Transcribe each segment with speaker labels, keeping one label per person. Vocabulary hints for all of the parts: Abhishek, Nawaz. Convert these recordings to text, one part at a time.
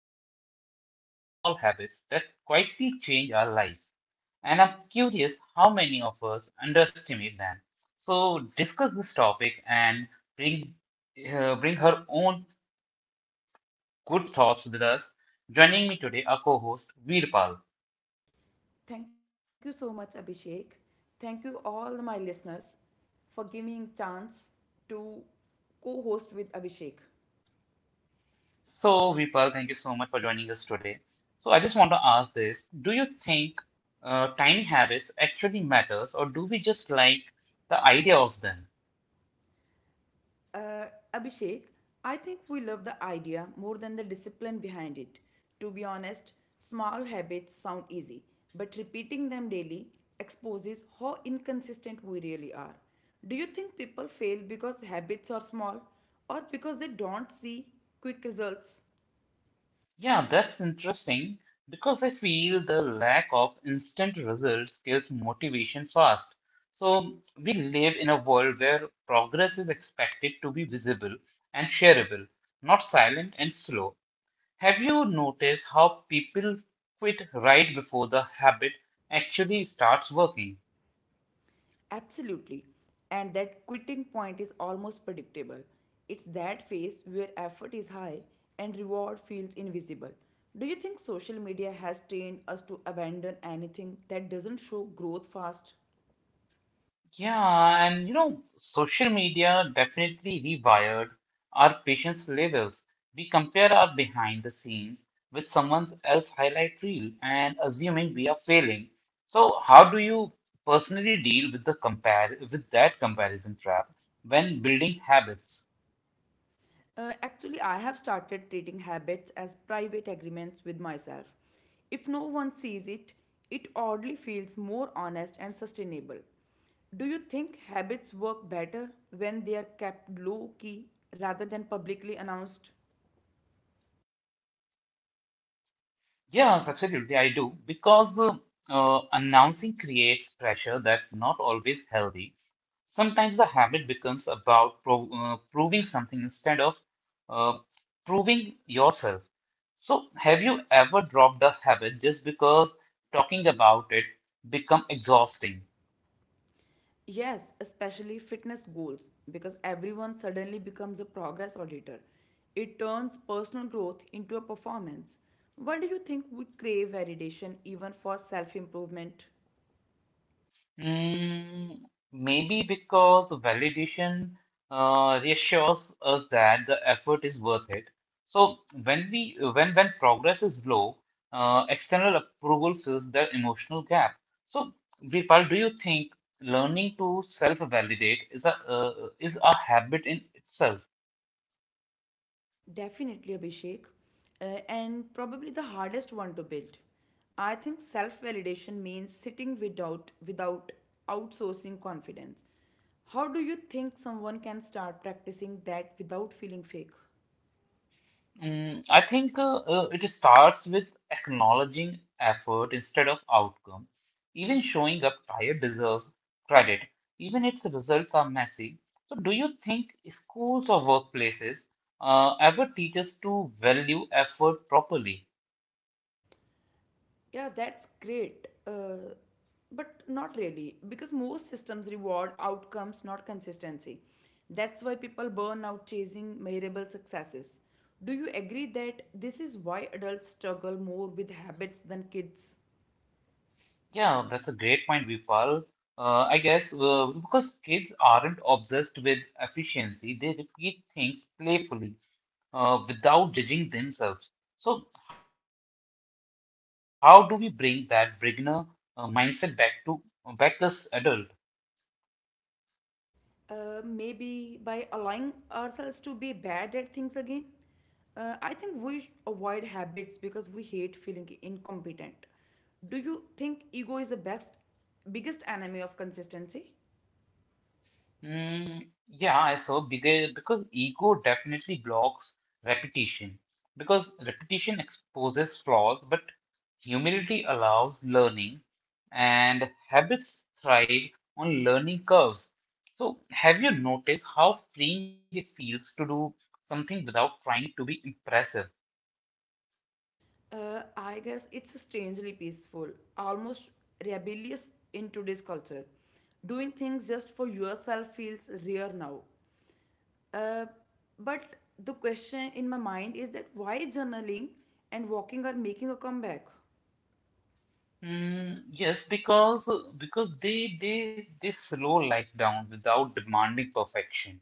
Speaker 1: random topic is small habits that quietly change our lives. And I'm curious how many of us underestimate them. So, discuss this topic and bring, bring her own good thoughts with us. Joining me today, our co host Veerpal.
Speaker 2: Thank you so much, Abhishek. Thank you all my listeners for giving chance to co-host with Abhishek.
Speaker 1: So, Vipal, thank you so much for joining us today. So, I just want to ask this: Do you think tiny habits actually matters, or do we just like the idea of them?
Speaker 2: Uh, Abhishek, I think we love the idea more than the discipline behind it. To be honest, small habits sound easy, but repeating them daily exposes how inconsistent we really are. Do you think people fail because habits are small or because they don't see quick results?
Speaker 1: Yeah, that's interesting because I feel the lack of instant results kills motivation fast. So, we live in a world where progress is expected to be visible and shareable, not silent and slow. Have you noticed how people quit right before the habit actually starts working?
Speaker 2: Absolutely. And that quitting point is almost predictable. It's that phase where effort is high and reward feels invisible. Do you think social media has trained us to abandon anything that doesn't show growth fast?
Speaker 1: Yeah, and social media definitely rewired our patience levels. We compare our behind the scenes with someone else's highlight reel and assuming we are failing. So, how do you personally deal with the compare with that comparison trap when building habits?
Speaker 2: Actually, I have started treating habits as private agreements with myself. If no one sees it, it oddly feels more honest and sustainable. Do you think habits work better when they are kept low key rather than publicly announced?
Speaker 1: Yes, absolutely, I do. Because announcing creates pressure that's not always healthy. Sometimes the habit becomes about proving something instead of uh, proving yourself. So, have you ever dropped the habit just because talking about it become exhausting?
Speaker 2: Yes, especially fitness goals, because everyone suddenly becomes a progress auditor. It turns personal growth into a performance. Why do you think we crave validation even for self improvement?
Speaker 1: Mm, maybe because validation reassures us that the effort is worth it. So when we when progress is low, external approval fills that emotional gap. So Virpal, do you think learning to self-validate is a habit in itself?
Speaker 2: Definitely, Abhishek. And probably the hardest one to build. I think self validation means sitting without outsourcing confidence. How do you think someone can start practicing that without feeling fake?
Speaker 1: I think it starts with acknowledging effort instead of outcome. Even showing up tired deserves credit, even its results are messy. So, do you think schools or workplaces ever teach us to value effort properly?
Speaker 2: Yeah, that's great. But not really, because most systems reward outcomes, not consistency. That's why people burn out chasing measurable successes. Do you agree that this is why adults struggle more with habits than kids?
Speaker 1: Yeah, that's a great point, Vipal. I guess because kids aren't obsessed with efficiency, they repeat things playfully, without judging themselves. So, how do we bring that beginner mindset back as adult?
Speaker 2: Maybe by allowing ourselves to be bad at things again? I think we avoid habits because we hate feeling incompetent. Do you think ego is the best, biggest enemy of consistency?
Speaker 1: Mm, yeah, I saw big because ego definitely blocks repetition because repetition exposes flaws, but humility allows learning, and habits thrive on learning curves. So, have you noticed how freeing it feels to do something without trying to be impressive?
Speaker 2: I guess it's strangely peaceful, almost rebellious in today's culture. Doing things just for yourself feels rare now. Uh, but the question in my mind is that why journaling and walking are making a comeback?
Speaker 1: Mm, yes, because they slow life down without demanding perfection.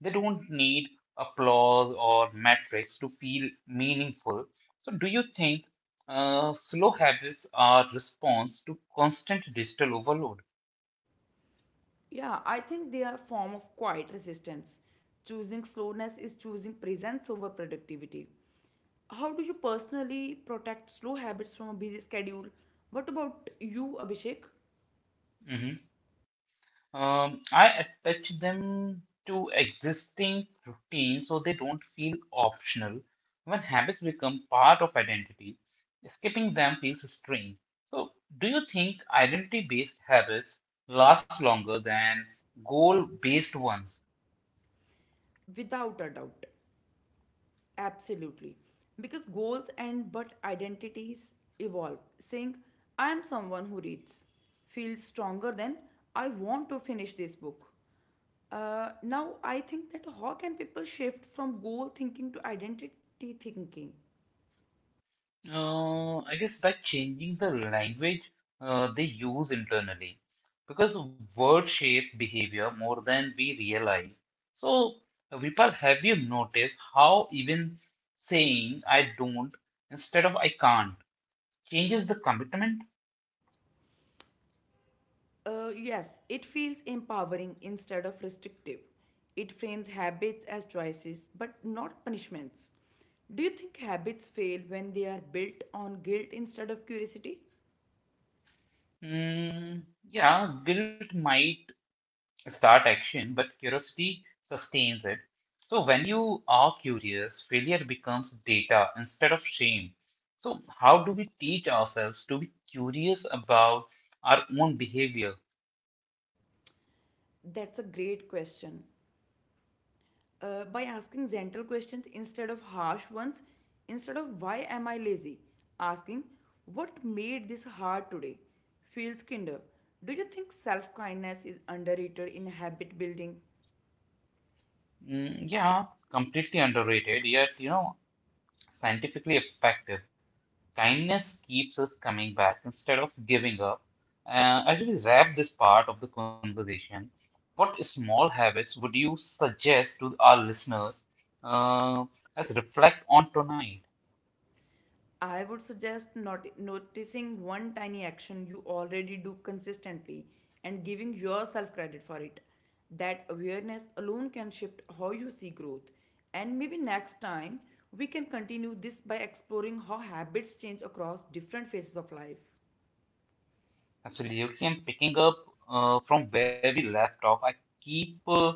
Speaker 1: They don't need applause or metrics to feel meaningful. So, do you think slow habits are response to constant digital overload?
Speaker 2: Yeah, I think they are a form of quiet resistance. Choosing slowness is choosing presence over productivity. How do you personally protect slow habits from a busy schedule? What about you, Abhishek?
Speaker 1: Mm-hmm. I attach them to existing routines so they don't feel optional. When habits become part of identity, skipping them feels strange. So, do you think identity-based habits last longer than goal-based ones?
Speaker 2: Without a doubt. Absolutely. Because goals and but identities evolve. Saying, I am someone who reads, feels stronger than I want to finish this book. Now, I think that how can people shift from goal thinking to identity thinking?
Speaker 1: I guess by changing the language they use internally, because words shape behavior more than we realize. So, Vipal, have you noticed how even saying I don't instead of I can't changes the commitment?
Speaker 2: Yes, it feels empowering instead of restrictive. It frames habits as choices, but not punishments. Do you think habits fail when they are built on guilt instead of curiosity?
Speaker 1: Mm, yeah, guilt might start action, but curiosity sustains it. So when you are curious, failure becomes data instead of shame. So how do we teach ourselves to be curious about our own behavior?
Speaker 2: That's a great question. By asking gentle questions instead of harsh ones, instead of why am I lazy, asking what made this hard today feels kinder. Do you think self kindness is underrated in habit building?
Speaker 1: Mm, yeah, completely underrated, yet scientifically effective. Kindness keeps us coming back instead of giving up. As we wrap this part of the conversation, what small habits would you suggest to our listeners uh, as reflect on tonight?
Speaker 2: I would suggest not noticing one tiny action you already do consistently and giving yourself credit for it. That awareness alone can shift how you see growth. And maybe next time we can continue this by exploring how habits change across different phases of life.
Speaker 1: Absolutely. And picking up from where we left off, I keep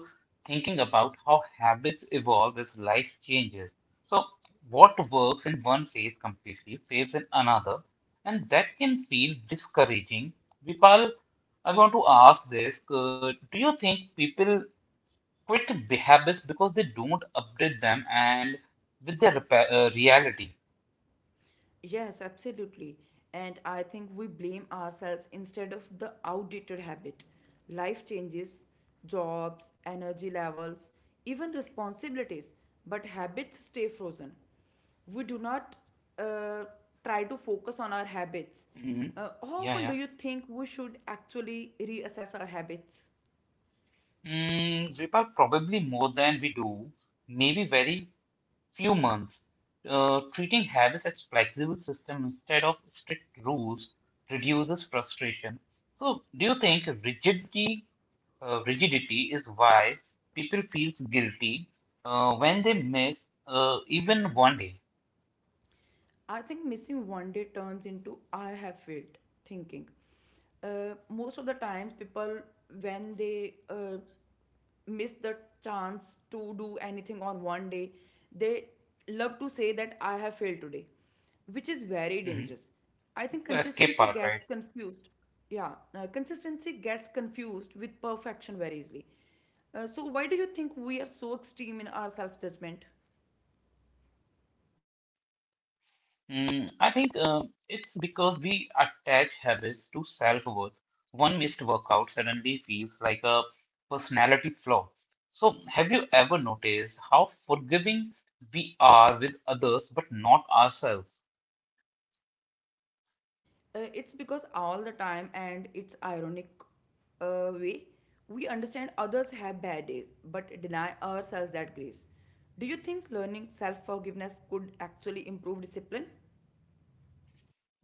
Speaker 1: thinking about how habits evolve as life changes. So, what works in one phase completely fails in another, and that can feel discouraging. Vipal, I want to ask this, do you think people quit habits because they don't update them and with their reality?
Speaker 2: Yes, absolutely. And I think we blame ourselves instead of the outdated habit. Life changes, jobs, energy levels, even responsibilities, but habits stay frozen. We do not uh, try to focus on our habits.
Speaker 1: Mm,
Speaker 2: How
Speaker 1: yeah,
Speaker 2: often do
Speaker 1: yeah.
Speaker 2: you think we should actually reassess our habits?
Speaker 1: Vipal, probably more than we do maybe very few months, treating habits as flexible system instead of strict rules reduces frustration. So, do you think rigidity is why people feel guilty when they miss even one day?
Speaker 2: I think missing one day turns into I have failed thinking. Most of the times, people, when they miss the chance to do anything on one day, they love to say that I have failed today, which is very
Speaker 1: Mhm.
Speaker 2: dangerous. I think
Speaker 1: So, escape
Speaker 2: consistency
Speaker 1: part,
Speaker 2: gets
Speaker 1: right?
Speaker 2: confused. Yeah, consistency gets confused with perfection very easily. So, why do you think we are so extreme in our self judgment?
Speaker 1: I think it's because we attach habits to self-worth. One missed workout suddenly feels like a personality flaw. So, have you ever noticed how forgiving we are with others but not ourselves?
Speaker 2: It's because all the time and it's ironic way we understand others have bad days but deny ourselves that grace. Do you think learning self forgiveness could actually improve discipline?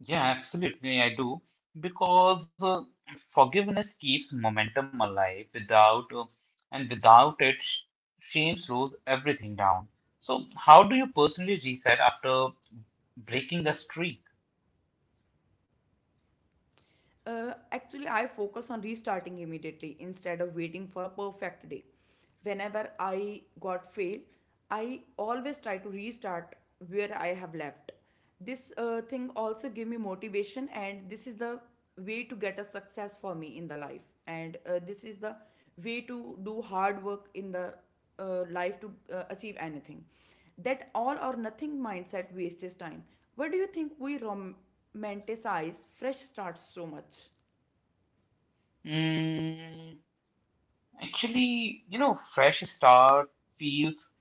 Speaker 1: Yeah, absolutely, I do. Because forgiveness keeps momentum alive without it, shame slows everything down. So, how do you personally reset after breaking a streak?
Speaker 2: Actually, I focus on restarting immediately instead of waiting for a perfect day. Whenever I got fail, I always try to restart where I have left. This thing also gave me motivation, and this is the way to get a success for me in the life. And this is the way to do hard work in the life to achieve anything. That all or nothing mindset wastes time. Why do you think we romanticize fresh starts so much?
Speaker 1: Mm, actually, fresh start feels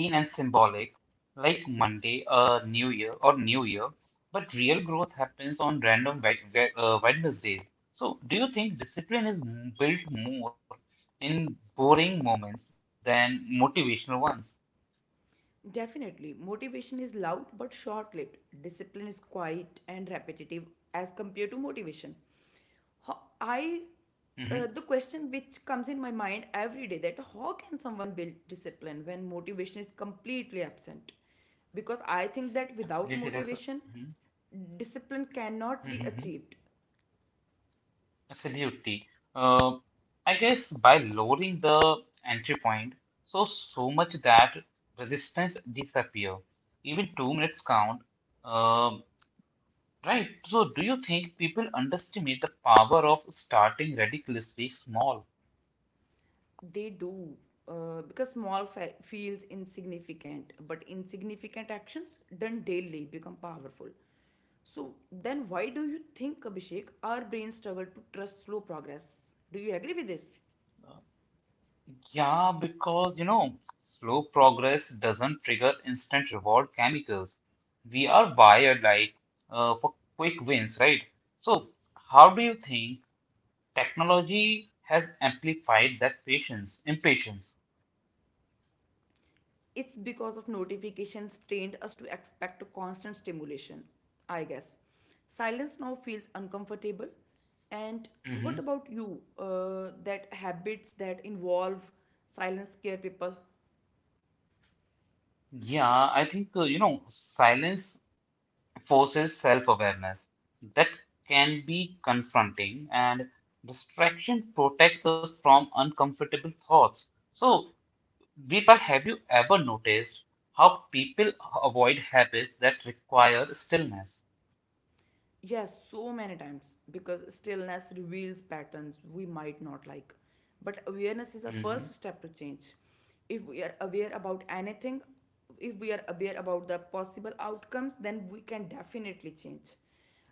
Speaker 1: clean and symbolic, like Monday, New Year, but real growth happens on random Wednesdays. So, do you think discipline is built more in boring moments than motivational ones?
Speaker 2: Definitely, motivation is loud but short lived. Discipline is quiet and repetitive as compared to motivation. Ho- I
Speaker 1: Hmm.
Speaker 2: the question which comes in my mind every day that how can someone build discipline when motivation is completely absent? Because I think that without
Speaker 1: Absolutely.
Speaker 2: motivation,
Speaker 1: Mhm,
Speaker 2: discipline cannot
Speaker 1: mhm,
Speaker 2: be
Speaker 1: mhm.
Speaker 2: achieved.
Speaker 1: Absolutely. Uh, I guess by lowering the entry point, so much that resistance disappear. Even 2 minutes count. Um Right. So, do you think people underestimate the power of starting ridiculously small?
Speaker 2: They do. Because feels insignificant, but insignificant actions done daily become powerful. So then, why do you think, Abhishek, our brains struggle to trust slow progress? Do you agree with this?
Speaker 1: Yeah, because slow progress doesn't trigger instant reward chemicals. We are wired like for quick wins, right? So, how do you think technology has amplified that patience, impatience?
Speaker 2: It's because of notifications trained us to expect constant stimulation, I guess. Silence now feels uncomfortable. And what
Speaker 1: Hmm.
Speaker 2: about you? That habits that involve silence scare people?
Speaker 1: Yeah, I think silence forces self-awareness. That can be confronting, and distraction protects us from uncomfortable thoughts. So, Deepa, have you ever noticed how people avoid habits that require stillness?
Speaker 2: Yes, so many times because stillness reveals patterns we might not like. But awareness is the
Speaker 1: Mm-hmm,
Speaker 2: first step to change. If we are aware about anything, if we are aware about the possible outcomes, then we can definitely change.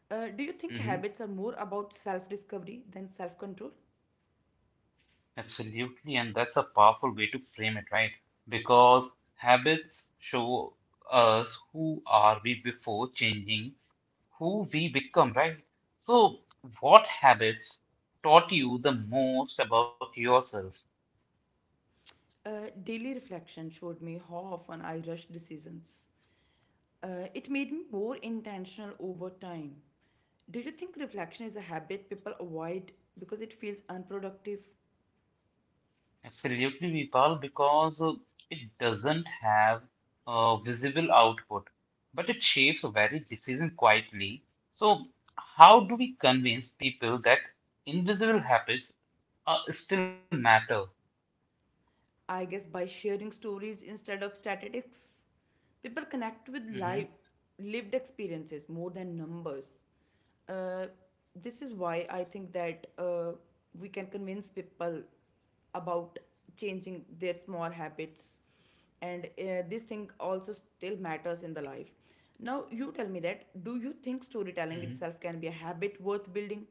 Speaker 2: Do you think
Speaker 1: mm-hmm,
Speaker 2: habits are more about self discovery than self control?
Speaker 1: absolutely, and that's a powerful way to frame it, right? Because habits show us who are we before changing who we become, right? So, what habits taught you the most about yourself?
Speaker 2: Daily reflection showed me how often I rush decisions. It made me more intentional over time. Do you think reflection is a habit people avoid because it feels unproductive?
Speaker 1: Absolutely, Vipal, because it doesn't have a visible output, but it shapes very decision quietly. So, how do we convince people that invisible habits still matter?
Speaker 2: I guess by sharing stories instead of statistics, people connect with
Speaker 1: Hmm.
Speaker 2: lived experiences more than numbers. Uh, this is why I think that we can convince people about changing their small habits, and this thing also still matters in the life. Now, you tell me that do you think storytelling
Speaker 1: Hmm.
Speaker 2: itself can be a habit worth building?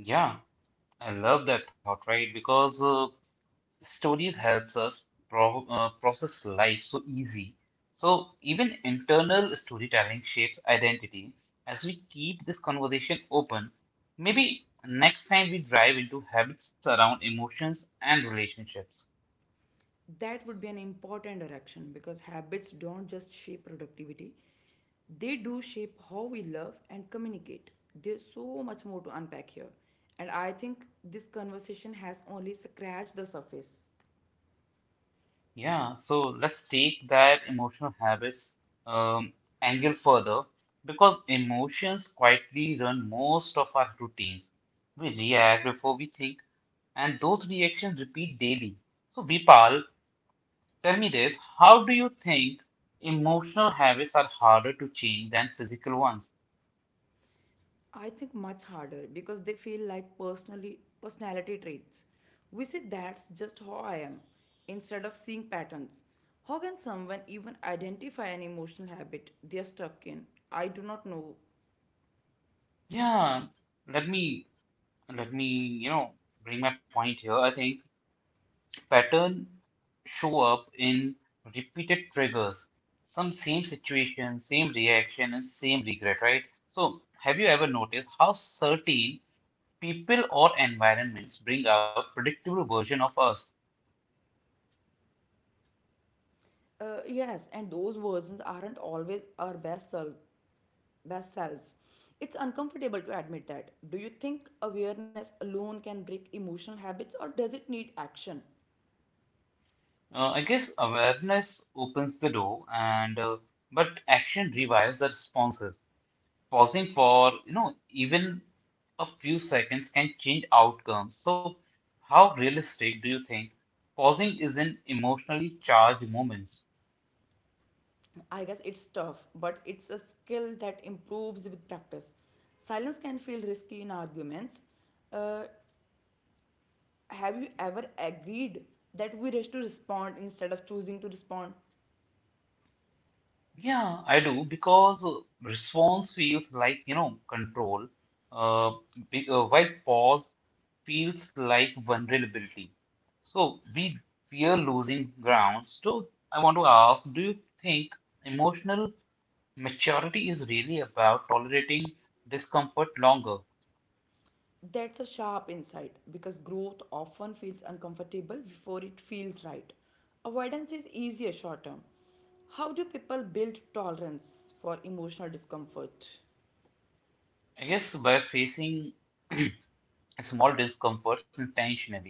Speaker 1: Yeah, I love that thought, right? Because stories helps us process life so easy, so even internal storytelling shapes identity. As we keep this conversation open, maybe next time we drive into habits around emotions and relationships.
Speaker 2: That would be an important direction because habits don't just shape productivity, they do shape how we love and communicate. There's so much more to unpack here, and I think this conversation has only scratched the surface.
Speaker 1: Yeah, so let's take that emotional habits um, angle further. Because emotions quietly run most of our routines, we react before we think, and those reactions repeat daily. So, Vipal, tell me this: how do you think emotional habits are harder to change than physical ones?
Speaker 2: I think much harder because they feel like personally personality traits. We say that's just how I am instead of seeing patterns. How can someone even identify an emotional habit they are stuck in? I do not know.
Speaker 1: Yeah, let me let me, you know, bring my point here. I think pattern show up in repeated triggers, some same situation, same reaction, and same regret, right? So, have you ever noticed how certain people or environments bring out predictable version of us?
Speaker 2: Yes, and those versions aren't always our best selves. It's uncomfortable to admit that. Do you think awareness alone can break emotional habits or does it need action?
Speaker 1: I guess awareness opens the door, and but action revives the responses. Pausing for, even a few seconds can change outcomes. So, how realistic do you think pausing is in emotionally charged moments?
Speaker 2: I guess it's tough, but it's a skill that improves with practice. Silence can feel risky in arguments. Uh, have you ever agreed that we rush to respond instead of choosing to respond?
Speaker 1: Yeah, I do because response feels like, control, uh, while pause feels like vulnerability. So we fear losing grounds. So I want to ask, do you think emotional maturity is really about tolerating discomfort longer?
Speaker 2: That's a sharp insight because growth often feels uncomfortable before it feels right. Avoidance is easier short term. How do people build tolerance for emotional discomfort?
Speaker 1: I guess by facing small discomforts intentionally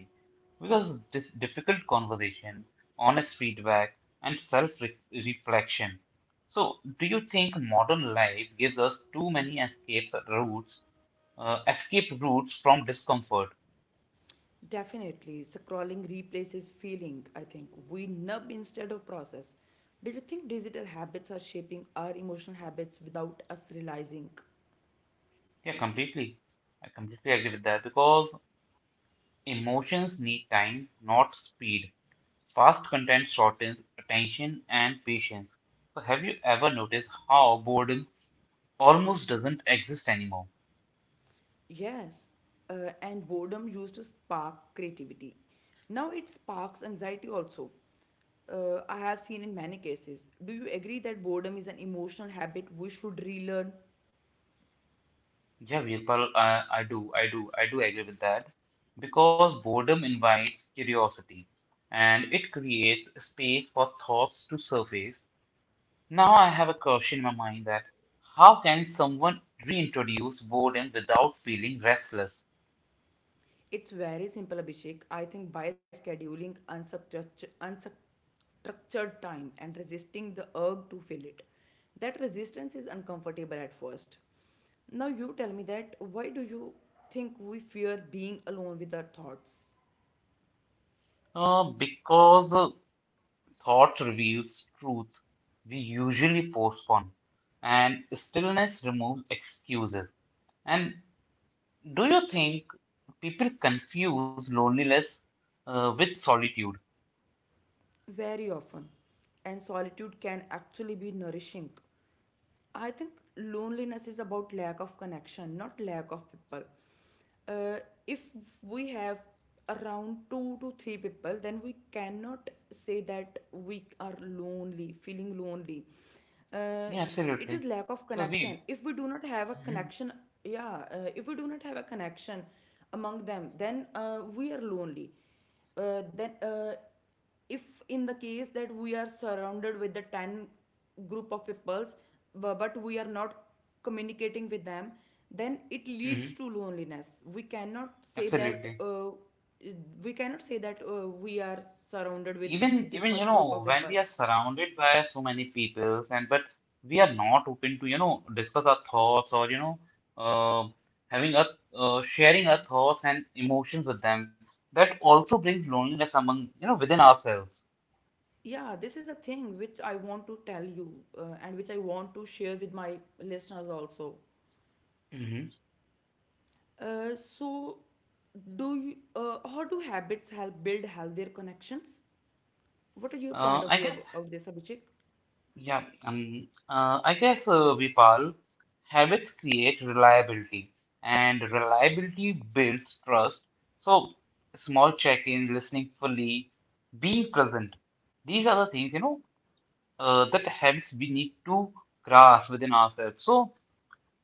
Speaker 1: because this difficult conversation, honest feedback, and self reflection. So, do you think modern life gives us too many escape routes from discomfort?
Speaker 2: Definitely, scrolling replaces feeling, I think. We nub instead of process. Do you think digital habits are shaping our emotional habits without us realizing?
Speaker 1: Yeah, completely. I completely agree with that because emotions need time, not speed. Fast content shortens attention and patience. So, have you ever noticed how boredom almost doesn't exist anymore?
Speaker 2: Yes, and boredom used to spark creativity. Now it sparks anxiety also. I have seen in many cases. Do you agree that boredom is an emotional habit we should relearn?
Speaker 1: Yeah, Virpal, I do agree with that because boredom invites curiosity and it creates space for thoughts to surface. Now I have a question in my mind that how can someone reintroduce boredom without feeling restless?
Speaker 2: It's very simple, Abhishek. I think by scheduling unstructured time and resisting the urge to fill it, that resistance is uncomfortable at first. Now, you tell me that why do you think we fear being alone with our thoughts?
Speaker 1: Because thought reveals truth we usually postpone and stillness removes excuses. And. Do you think people confuse loneliness with solitude?
Speaker 2: Very often, and solitude can actually be nourishing. I think loneliness is about lack of connection, not lack of people. Uh, if we have around two to three people, then we cannot say that we are lonely, feeling lonely. Uh,
Speaker 1: Yeah,
Speaker 2: it is
Speaker 1: absolutely.
Speaker 2: lack of
Speaker 1: Because
Speaker 2: connection.
Speaker 1: we,
Speaker 2: If we do not have a
Speaker 1: Mhm,
Speaker 2: connection, yeah, if we do not have a connection among them, then we are lonely. Then if in the case that we are surrounded with the 10 group of peoples but we are not communicating with them, then it leads
Speaker 1: mhm,
Speaker 2: to loneliness. We cannot say that
Speaker 1: absolutely.
Speaker 2: we cannot say that we are surrounded with
Speaker 1: Even
Speaker 2: this much group of
Speaker 1: when we are
Speaker 2: people.
Speaker 1: surrounded by so many people and but we are not open to discuss our thoughts or you know uh, having a sharing our thoughts and emotions with them. That also brings loneliness among within ourselves.
Speaker 2: Yeah, this is a thing which I want to tell you, and which I want to share with my listeners also.
Speaker 1: hmm
Speaker 2: So, how do habits help build healthier connections? What are your
Speaker 1: Uh,
Speaker 2: point
Speaker 1: I
Speaker 2: of view
Speaker 1: guess
Speaker 2: of this, Abhishek?
Speaker 1: Yeah, Vipal, habits create reliability, and reliability builds trust. So, small check-in, listening fully, being present. These are the things, that habits we need to grasp within ourselves. So,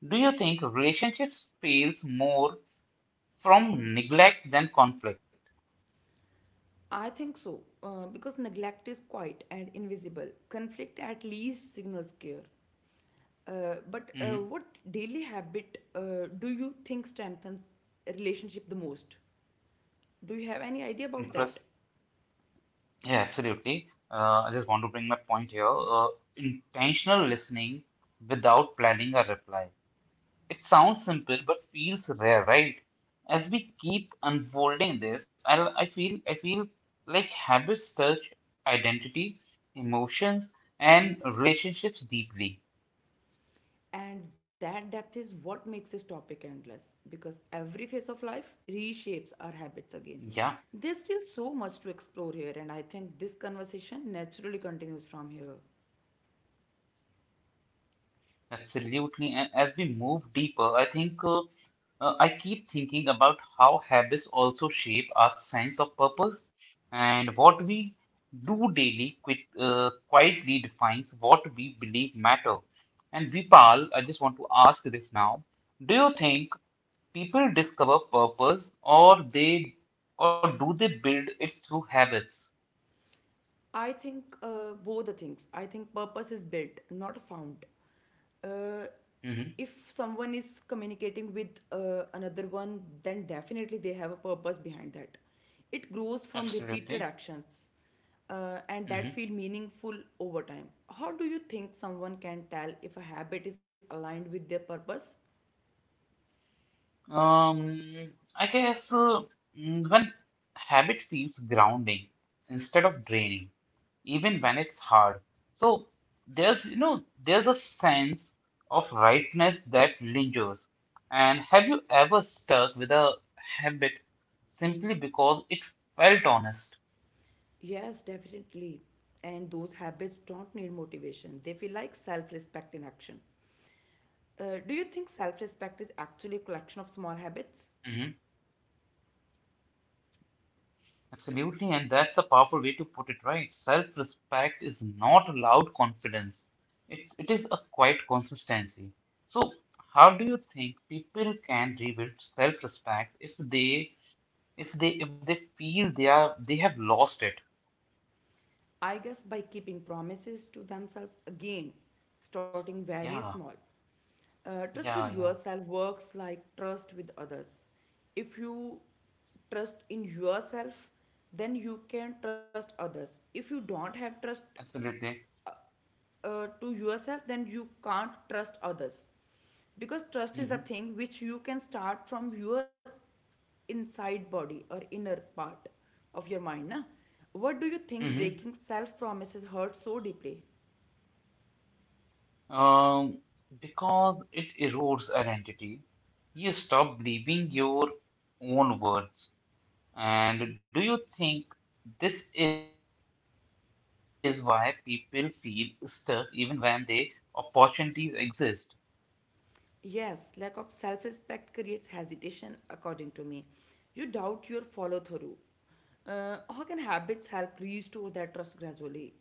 Speaker 1: do you think relationships fails more from neglect than conflict?
Speaker 2: I think so, because neglect is quiet and invisible. Conflict at least signals care. But what daily habit do you think strengthens a relationship the most? Do you have any idea
Speaker 1: Mm-hmm.
Speaker 2: about that?
Speaker 1: Yeah, absolutely. I just want to bring my point here. Intentional listening without planning a reply. It sounds simple but feels rare, right? As we keep unfolding this, I feel like habits touch identity, emotions, and relationships deeply.
Speaker 2: And that depth is what makes this topic endless because every phase of life
Speaker 1: Yeah,
Speaker 2: reshapes our habits again. There's still so much to explore here, and I think this conversation naturally continues from here.
Speaker 1: absolutely. And as we move deeper, I think. I keep thinking about how habits also shape our sense of purpose, and what we do daily quietly defines what we believe matter. And Vipal, I just want to ask this now. Do you think people discover purpose or do they build it through habits?
Speaker 2: I think both the things. I think purpose is built, not found. Uh,
Speaker 1: Hmm
Speaker 2: if someone is communicating with another one, then definitely they have a purpose behind that. It grows from repeated
Speaker 1: Absolutely.
Speaker 2: actions, and
Speaker 1: hmm
Speaker 2: that feel meaningful over time. How do you think someone can tell if a habit is aligned with their purpose?
Speaker 1: I guess when habit feels grounding instead of draining, even when it's hard. So there's a sense of rightness that lingers. And have you ever stuck with a habit simply because it felt honest?
Speaker 2: Yes, definitely. And those habits don't need motivation. They feel like self-respect in action. Do you think self respect is actually a collection of
Speaker 1: Hmm
Speaker 2: small habits?
Speaker 1: Absolutely, and that's a powerful way to put it, right? Self-respect is not loud confidence. It is a quiet consistency. So, how do you think people can rebuild self-respect if they feel they have lost it?
Speaker 2: I guess by keeping promises to themselves again, starting very small.
Speaker 1: Yeah,
Speaker 2: Trust with
Speaker 1: yeah, yeah,
Speaker 2: yourself works like trust with others. If you trust in yourself, then you can trust others. If you don't have trust
Speaker 1: absolutely.
Speaker 2: to yourself, then you can't trust others. Because trust is a
Speaker 1: hmm
Speaker 2: thing which you can start from your inside body or inner part of your mind. Na? What do you think
Speaker 1: hmm
Speaker 2: breaking self promises hurts so deeply?
Speaker 1: um because it erodes identity, you stop believing your own words. And do you think this is why people feel stuck even when they opportunities exist?
Speaker 2: Yes, lack of self respect creates hesitation, according to me. You doubt your follow through. How can habits help restore that trust gradually?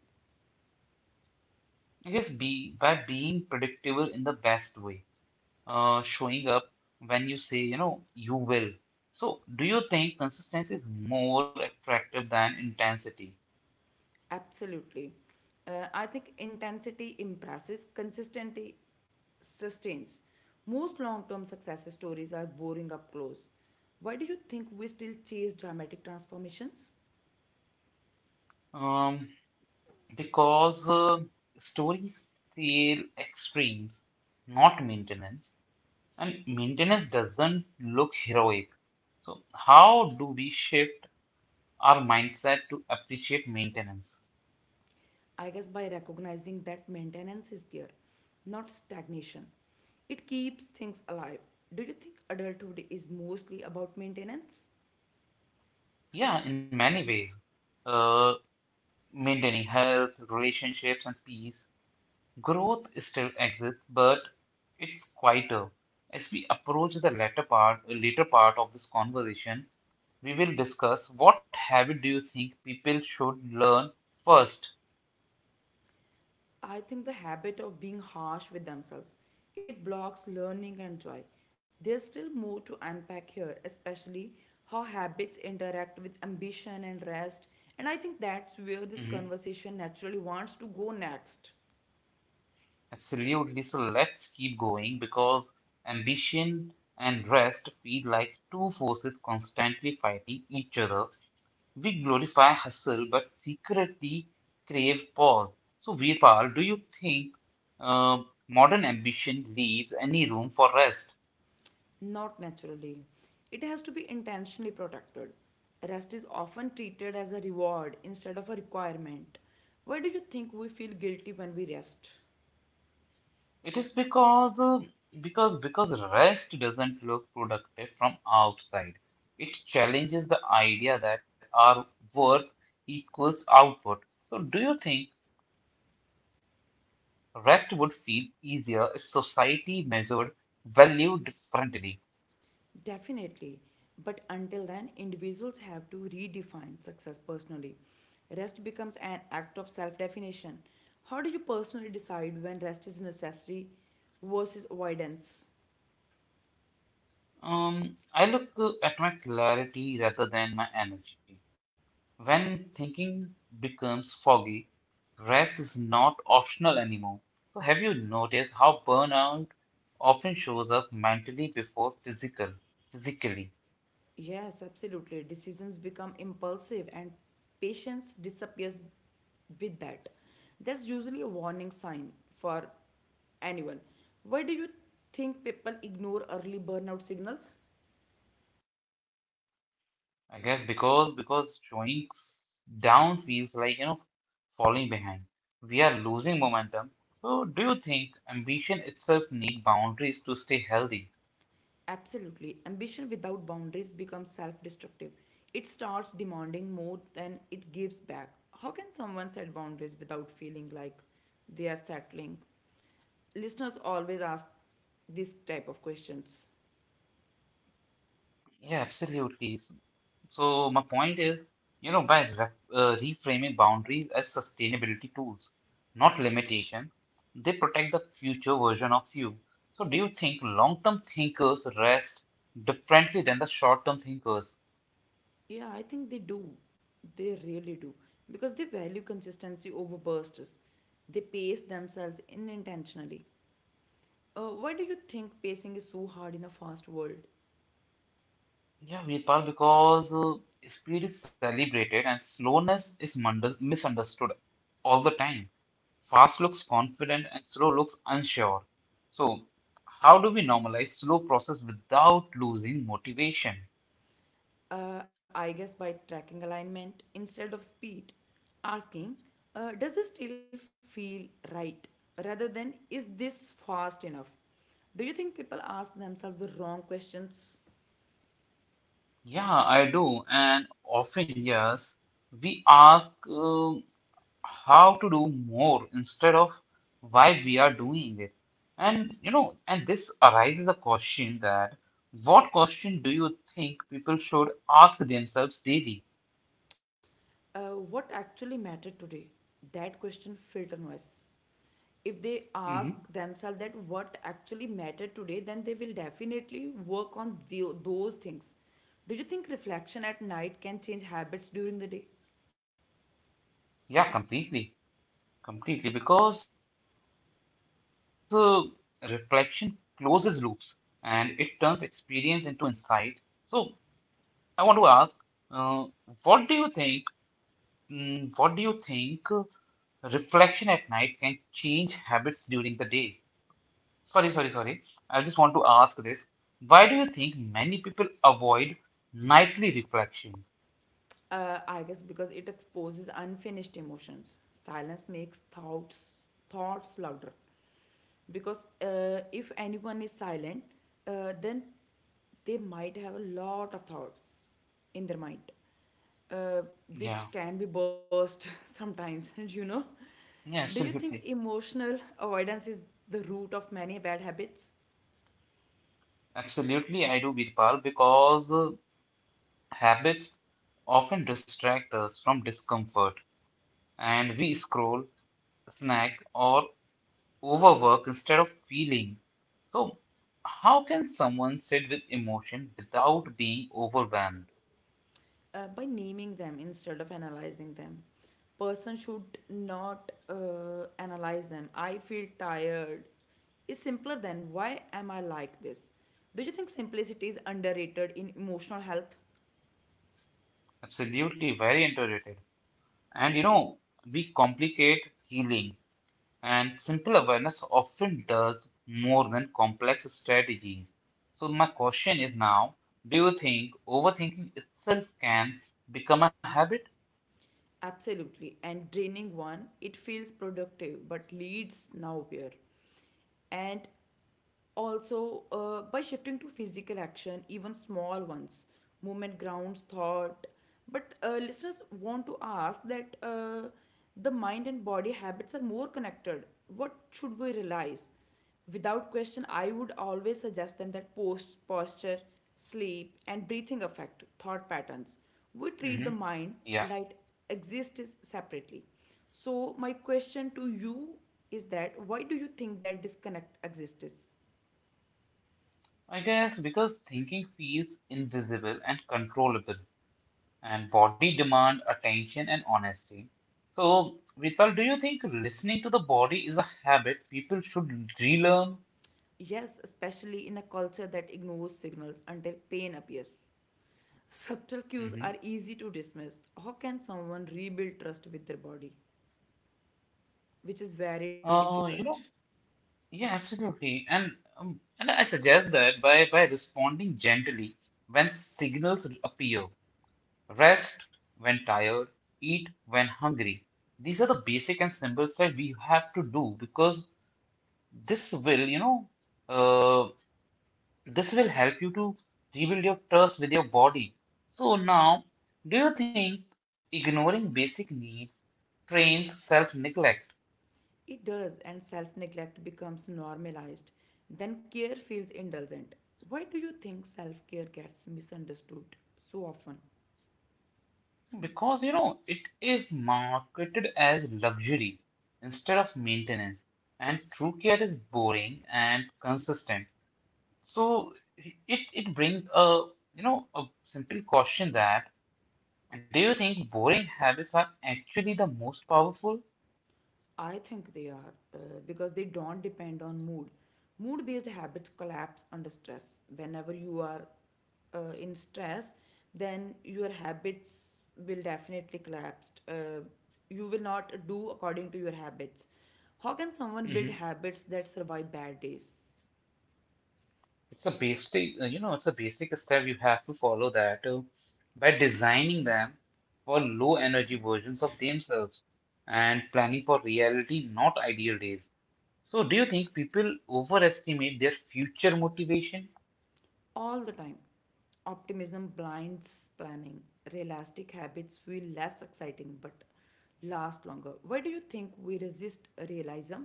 Speaker 1: I guess be by being predictable in the best way, showing when you say you will. So, do you think consistency is more attractive than intensity?
Speaker 2: Absolutely. I think intensity impresses, consistency sustains. Most long term success stories are boring up close. Why do you think we still chase dramatic transformations?
Speaker 1: Um, because stories sell extremes, not maintenance, and maintenance doesn't look heroic. So, how do we shift our mindset to appreciate maintenance?
Speaker 2: I guess by recognizing that maintenance is gear, not stagnation. It keeps things alive. Do you think adulthood is mostly about maintenance?
Speaker 1: Yeah, in many ways, uh, maintaining health, relationships, and peace. Growth still exists, but it's quieter. As we approach the later part of this conversation, we will discuss what habit do you think people should learn 1st.
Speaker 2: I think the habit of being harsh with themselves it blocks learning and joy. There's still more to unpack here, especially how habits interact with ambition and rest. And I think that's where
Speaker 1: Mhm.
Speaker 2: this conversation naturally wants to go next.
Speaker 1: Absolutely. So let's keep going because ambition and rest feel like two forces constantly fighting each other. We glorify hustle but secretly crave pause. So, Virpal, do you think uh, modern ambition leaves any room for rest?
Speaker 2: Not naturally. It has to be intentionally protected. Rest is often treated as a reward instead of a requirement. Why do you think we feel guilty when we rest?
Speaker 1: It is because rest doesn't look productive from outside. It challenges the idea that our worth equals output. So, do you think rest would feel easier if society measured value differently?
Speaker 2: Definitely. But until then, individuals have to redefine success personally. Rest becomes an act of self definition. How do you personally decide when rest is necessary versus avoidance?
Speaker 1: I look at my clarity rather than my energy. When thinking becomes foggy, rest is not optional anymore. So, have you noticed how burnout often shows up mentally before physically?
Speaker 2: Yes, absolutely. Decisions become impulsive and patience disappears with that. That's usually a warning sign for anyone. Why do you think people ignore early burnout signals?
Speaker 1: I guess because showing down feels like, you know, falling behind. We are losing momentum. So, do you think ambition itself need boundaries to stay healthy?
Speaker 2: Absolutely. Ambition without boundaries becomes self destructive. It starts demanding more than it gives back. How can someone set boundaries without feeling like they are settling? Listeners always ask this type of questions.
Speaker 1: Yeah, absolutely. So my point is, you know, by reframing boundaries as sustainability tools, not limitation, they protect the future version of you. So do you think long-term thinkers rest differently than the short-term thinkers?
Speaker 2: Yeah, I think they do. They really do. Because they value consistency over bursts. They pace themselves unintentionally. Why do you think pacing is so hard in a fast world?
Speaker 1: Yeah, Virpal, because speed is celebrated and slowness is misunderstood all the time. Fast looks confident and slow looks unsure. So how do we normalize slow process without losing motivation?
Speaker 2: I guess by tracking alignment instead of speed, asking, does this still feel right? Rather than, is this fast enough? Do you think people ask themselves the wrong questions?
Speaker 1: Yeah, I do. And often, yes, we ask how to do more instead of why we are doing it. And, you know, and this arises a question that what question do you think people should ask themselves daily?
Speaker 2: What actually mattered today? That question filter noise. If they ask
Speaker 1: Hmm
Speaker 2: themselves that what actually mattered today, then they will definitely work on the, those things. Do you think reflection at night can change habits during the day?
Speaker 1: Yeah, completely. Completely. Because reflection closes loops and it turns experience into insight. So I want to ask, uh, what do you think? What do you think reflection at night can change habits during the day? Sorry, sorry, sorry. I just want to ask this. Why do you think many people avoid nightly reflection?
Speaker 2: I guess because it exposes unfinished emotions. Silence makes thoughts louder. Because if anyone is silent, then they might have a lot of thoughts in their mind, uh,
Speaker 1: Yeah,
Speaker 2: which can be burst sometimes.
Speaker 1: yeah,
Speaker 2: Do you think
Speaker 1: absolutely.
Speaker 2: emotional avoidance is the root of many bad habits?
Speaker 1: Absolutely, I do, Virpal, because habits often distract us from discomfort and we scroll, snack, or overwork instead of feeling. So, how can someone sit with emotion without being overwhelmed?
Speaker 2: By naming them instead of analyzing them person should not analyze them I feel tired is simpler than why am I like this? Do you think simplicity is underrated in emotional health?
Speaker 1: Absolutely, very underrated. And you know, we complicate healing, and simple awareness often does more than complex strategies. So, my question is now, do you think overthinking itself can become a habit?
Speaker 2: Absolutely. And draining one, it feels productive but leads nowhere. And also by shifting to physical action even small ones movement grounds thought but listeners want to ask that the mind and body habits are more connected what should we realize without question I would always suggest them that post posture sleep and breathing affect thought patterns we treat
Speaker 1: Hmm
Speaker 2: the mind
Speaker 1: yeah,
Speaker 2: like exists separately so, my question to you is that why do you think that disconnect exists?
Speaker 1: I guess because thinking feels invisible and controllable, and body demand attention and honesty. So, Vipal, do you think listening to the body is a habit people should relearn?
Speaker 2: Yes, especially in a culture that ignores signals until pain appears. Subtle cues are
Speaker 1: Hmm
Speaker 2: easy to dismiss. How can someone rebuild trust with their body? Which is very difficult.
Speaker 1: You know, yeah, absolutely. And I suggest that by responding gently when signals appear, rest when tired, eat when hungry. These are the basic and simple stuff we have to do because this will, you know, uh, this will help you to rebuild your trust with your body. So now, do you think ignoring basic needs trains self-neglect?
Speaker 2: It does, and self neglect becomes normalized. Then care feels indulgent. Why do you think self care gets misunderstood so often?
Speaker 1: Because you know it is marketed as luxury instead of maintenance, and true care is boring and consistent. So it brings a, you know, a simple question that do you think boring habits are actually the most powerful?
Speaker 2: I think they are because they don't depend on mood. Mood based habits collapse under stress. Whenever you are in stress, then your habits will definitely collapse. You will not do according to your habits. How can someone build
Speaker 1: Mhm.
Speaker 2: habits that survive bad days
Speaker 1: It's a basic, you know, it's a basic step you have to follow that, by designing them for low energy versions of themselves and planning for reality, not ideal days. So, do you think people overestimate their future motivation?
Speaker 2: all the time? Optimism blinds planning. Realistic habits feel less exciting but last longer. Why do you think we resist realism?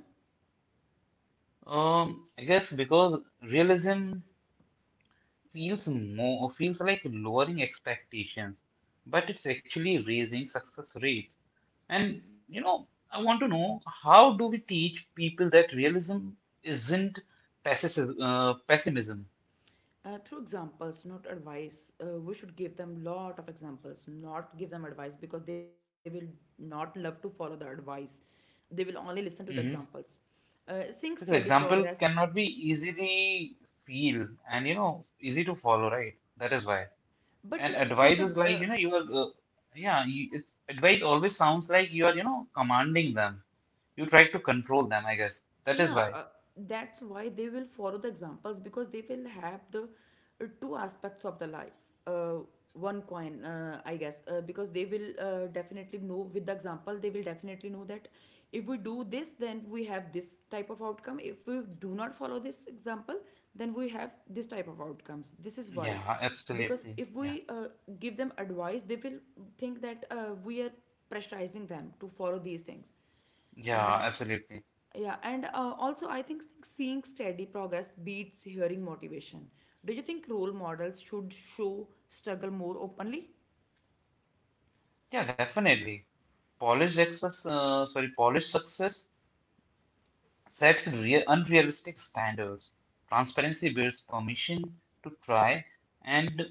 Speaker 1: I guess because realism feels like lowering expectations, but it's actually raising success rates. And you know, I want to know how do we teach people that realism isn't pessimism?
Speaker 2: Through examples not advice we should give them lot of examples not give them advice because they will not love to follow the advice they will only listen to the
Speaker 1: Hmm
Speaker 2: examples seeing
Speaker 1: Because
Speaker 2: steady
Speaker 1: example
Speaker 2: progress
Speaker 1: cannot be easily feel and you know easy to follow, right? That is why.
Speaker 2: but
Speaker 1: And
Speaker 2: through
Speaker 1: advice
Speaker 2: the
Speaker 1: is like, you know, you are yeah, advice always sounds like you are, you know, commanding them. You try to control them, I guess. That is
Speaker 2: Yeah,
Speaker 1: why.
Speaker 2: that's why they will follow the examples because they will have the two aspects of the life. Uh, One coin, I guess, because they will definitely know with the example, they will definitely know that if we do this, then we have this type of outcome. If we do not follow this example, then we have this type of outcomes. This is why.
Speaker 1: Yeah,
Speaker 2: Because
Speaker 1: absolutely.
Speaker 2: if
Speaker 1: Yeah,
Speaker 2: we give them advice, they will think that we are pressurizing them to follow these things. Uh,
Speaker 1: yeah, absolutely.
Speaker 2: yeah, and also I think seeing steady progress beats hearing motivation. Do you think role models should show struggle more openly?
Speaker 1: Yeah, definitely. Polished success sets real unrealistic standards. Transparency builds permission to try, and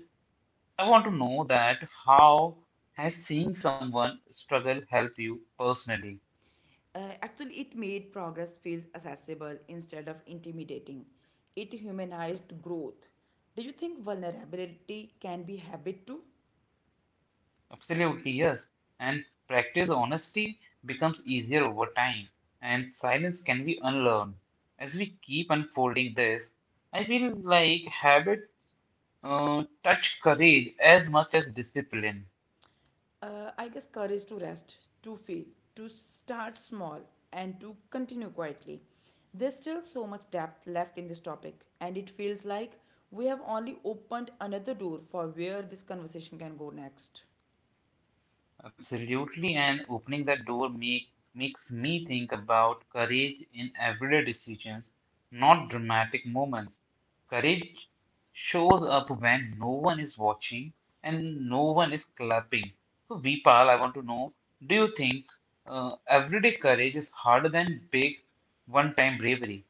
Speaker 1: I want to know that how has seeing someone struggle help you personally?
Speaker 2: Actually, it made progress feel accessible instead of intimidating. It humanized growth. Do you think vulnerability can be habit too?
Speaker 1: Absolutely, yes. And practice honesty becomes easier over time, and silence can be unlearned. As we keep unfolding this, I feel like habit touch courage as much as discipline.
Speaker 2: I guess courage to rest, to fail, to start small, and to continue quietly. There's still so much depth left in this topic, and it feels like we have only opened another door for where this conversation can go next.
Speaker 1: Absolutely, and opening that door make, makes me think about courage in everyday decisions, not dramatic moments. Courage shows up when no one is watching and no one is clapping. So, Vipal, I want to know, do you think everyday courage is harder than big one time bravery?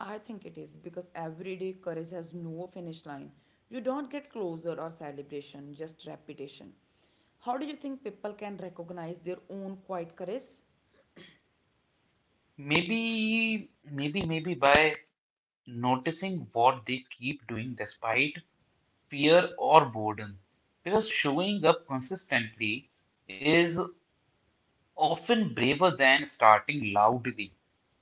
Speaker 2: I think it is because everyday courage has no finish line. You don't get closer or celebration, just repetition. How do you think people can recognize their own quiet courage?
Speaker 1: Maybe by noticing what they keep doing despite fear or boredom. Because showing up consistently is often braver than starting loudly.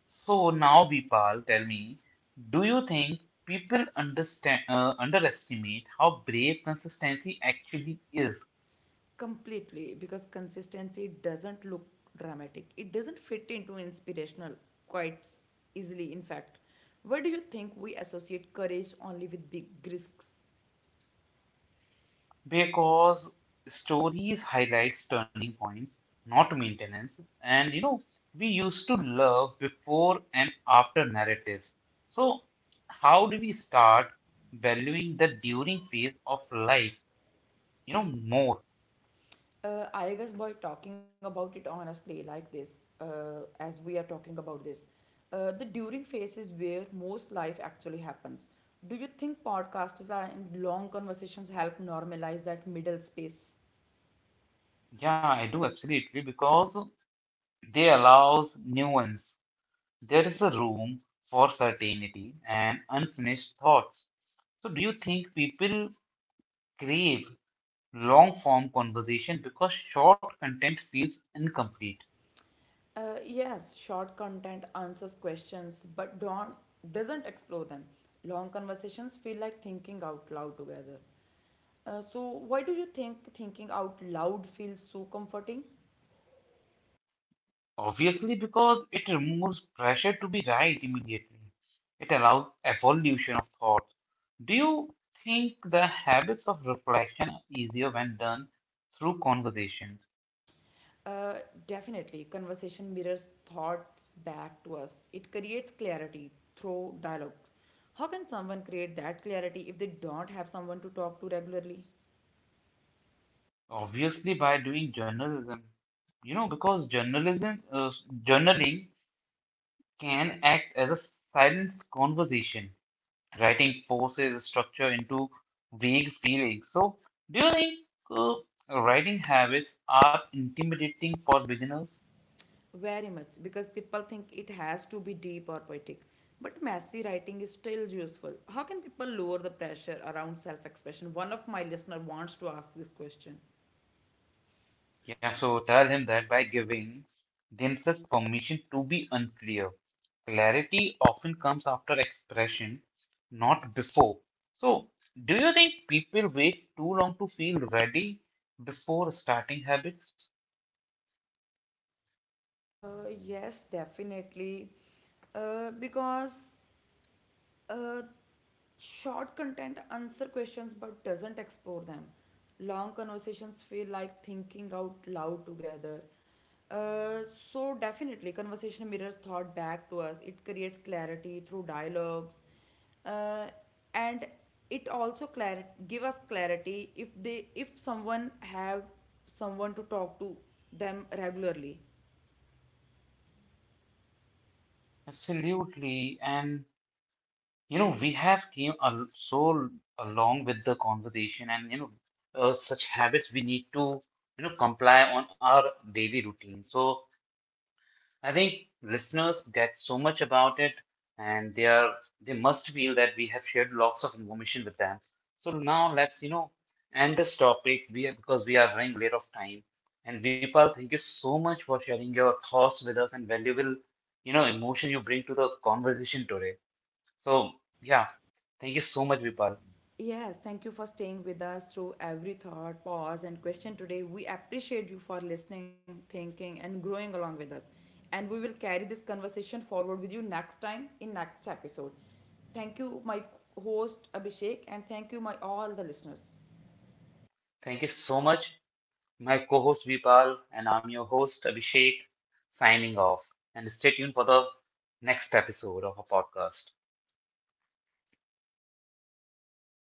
Speaker 1: So now, Vipal, tell me, do you think people understand underestimate how brave consistency actually is?
Speaker 2: Completely, because consistency doesn't look dramatic. It doesn't fit into inspirational quite s- easily in fact. Why do you think we associate courage only with big risks?
Speaker 1: Because stories highlights turning points, not maintenance. And you know, we used to love before and after narratives. So how do we start valuing the during phase of life, you know, more?
Speaker 2: I guess by talking about it honestly like this as we are talking about this the during phase is where most life actually happens do you think podcasts and long conversations help normalize that middle space?
Speaker 1: Yeah, I do absolutely because they allows nuance. There is a room for certainty and unfinished thoughts. So, do you think people crave long form conversation because short content feels incomplete?
Speaker 2: Yes, short content answers questions but don't doesn't explore them. Long conversations feel like thinking out loud together. So why do you think thinking out loud feels so comforting?
Speaker 1: Obviously, because it removes pressure to be right immediately. It allows evolution of thought. Do you think the habits of reflection are easier when done through conversations?
Speaker 2: Uh, Definitely, conversation mirrors thoughts back to us. It creates clarity through dialogue. How can someone create that clarity if they don't have someone to talk to regularly?
Speaker 1: Obviously, by doing journalism. You know, because journaling can act as a silent conversation. Writing forces structure into vague feelings. So, do you think uh, writing habits are intimidating for beginners?
Speaker 2: Very much, because people think it has to be deep or poetic. But messy writing is still useful. How can people lower the pressure around self expression? One of my listener wants to ask this question.
Speaker 1: Yeah, so tell him that by giving themselves permission to be unclear. Clarity often comes after expression, not before. So, do you think people wait too long to feel ready before starting habits?
Speaker 2: Yes, definitely. Because Uh, short content answer questions but doesn't explore them. Long conversations feel like thinking out loud together. Uh, so definitely, conversation mirrors thought back to us. It creates clarity through dialogues, uh, and it also give us clarity if they if someone have someone to talk to them regularly.
Speaker 1: Absolutely. And you know, we have came al so along with the conversation and, you know, such habits we need to, you know, comply on our daily routine. So I think listeners get so much about it and they must feel that we have shared lots of information with them. So now let's, you know, end this topic. Because we are running late of time. And Vipal, thank you so much for sharing your thoughts with us and valuable, you know, emotion you bring to the conversation today. So, yeah, thank you so much, Vipal.
Speaker 2: Yes, thank you for staying with us through every thought, pause, and question today. We appreciate you for listening, thinking, and growing along with us. And we will carry this conversation forward with you next time in next episode. Thank you, my host Abhishek, and thank you, my all the listeners.
Speaker 1: Thank you so much, my co-host Vipal, and I'm your host, Abhishek, signing off. And stay tuned for the next episode of our podcast.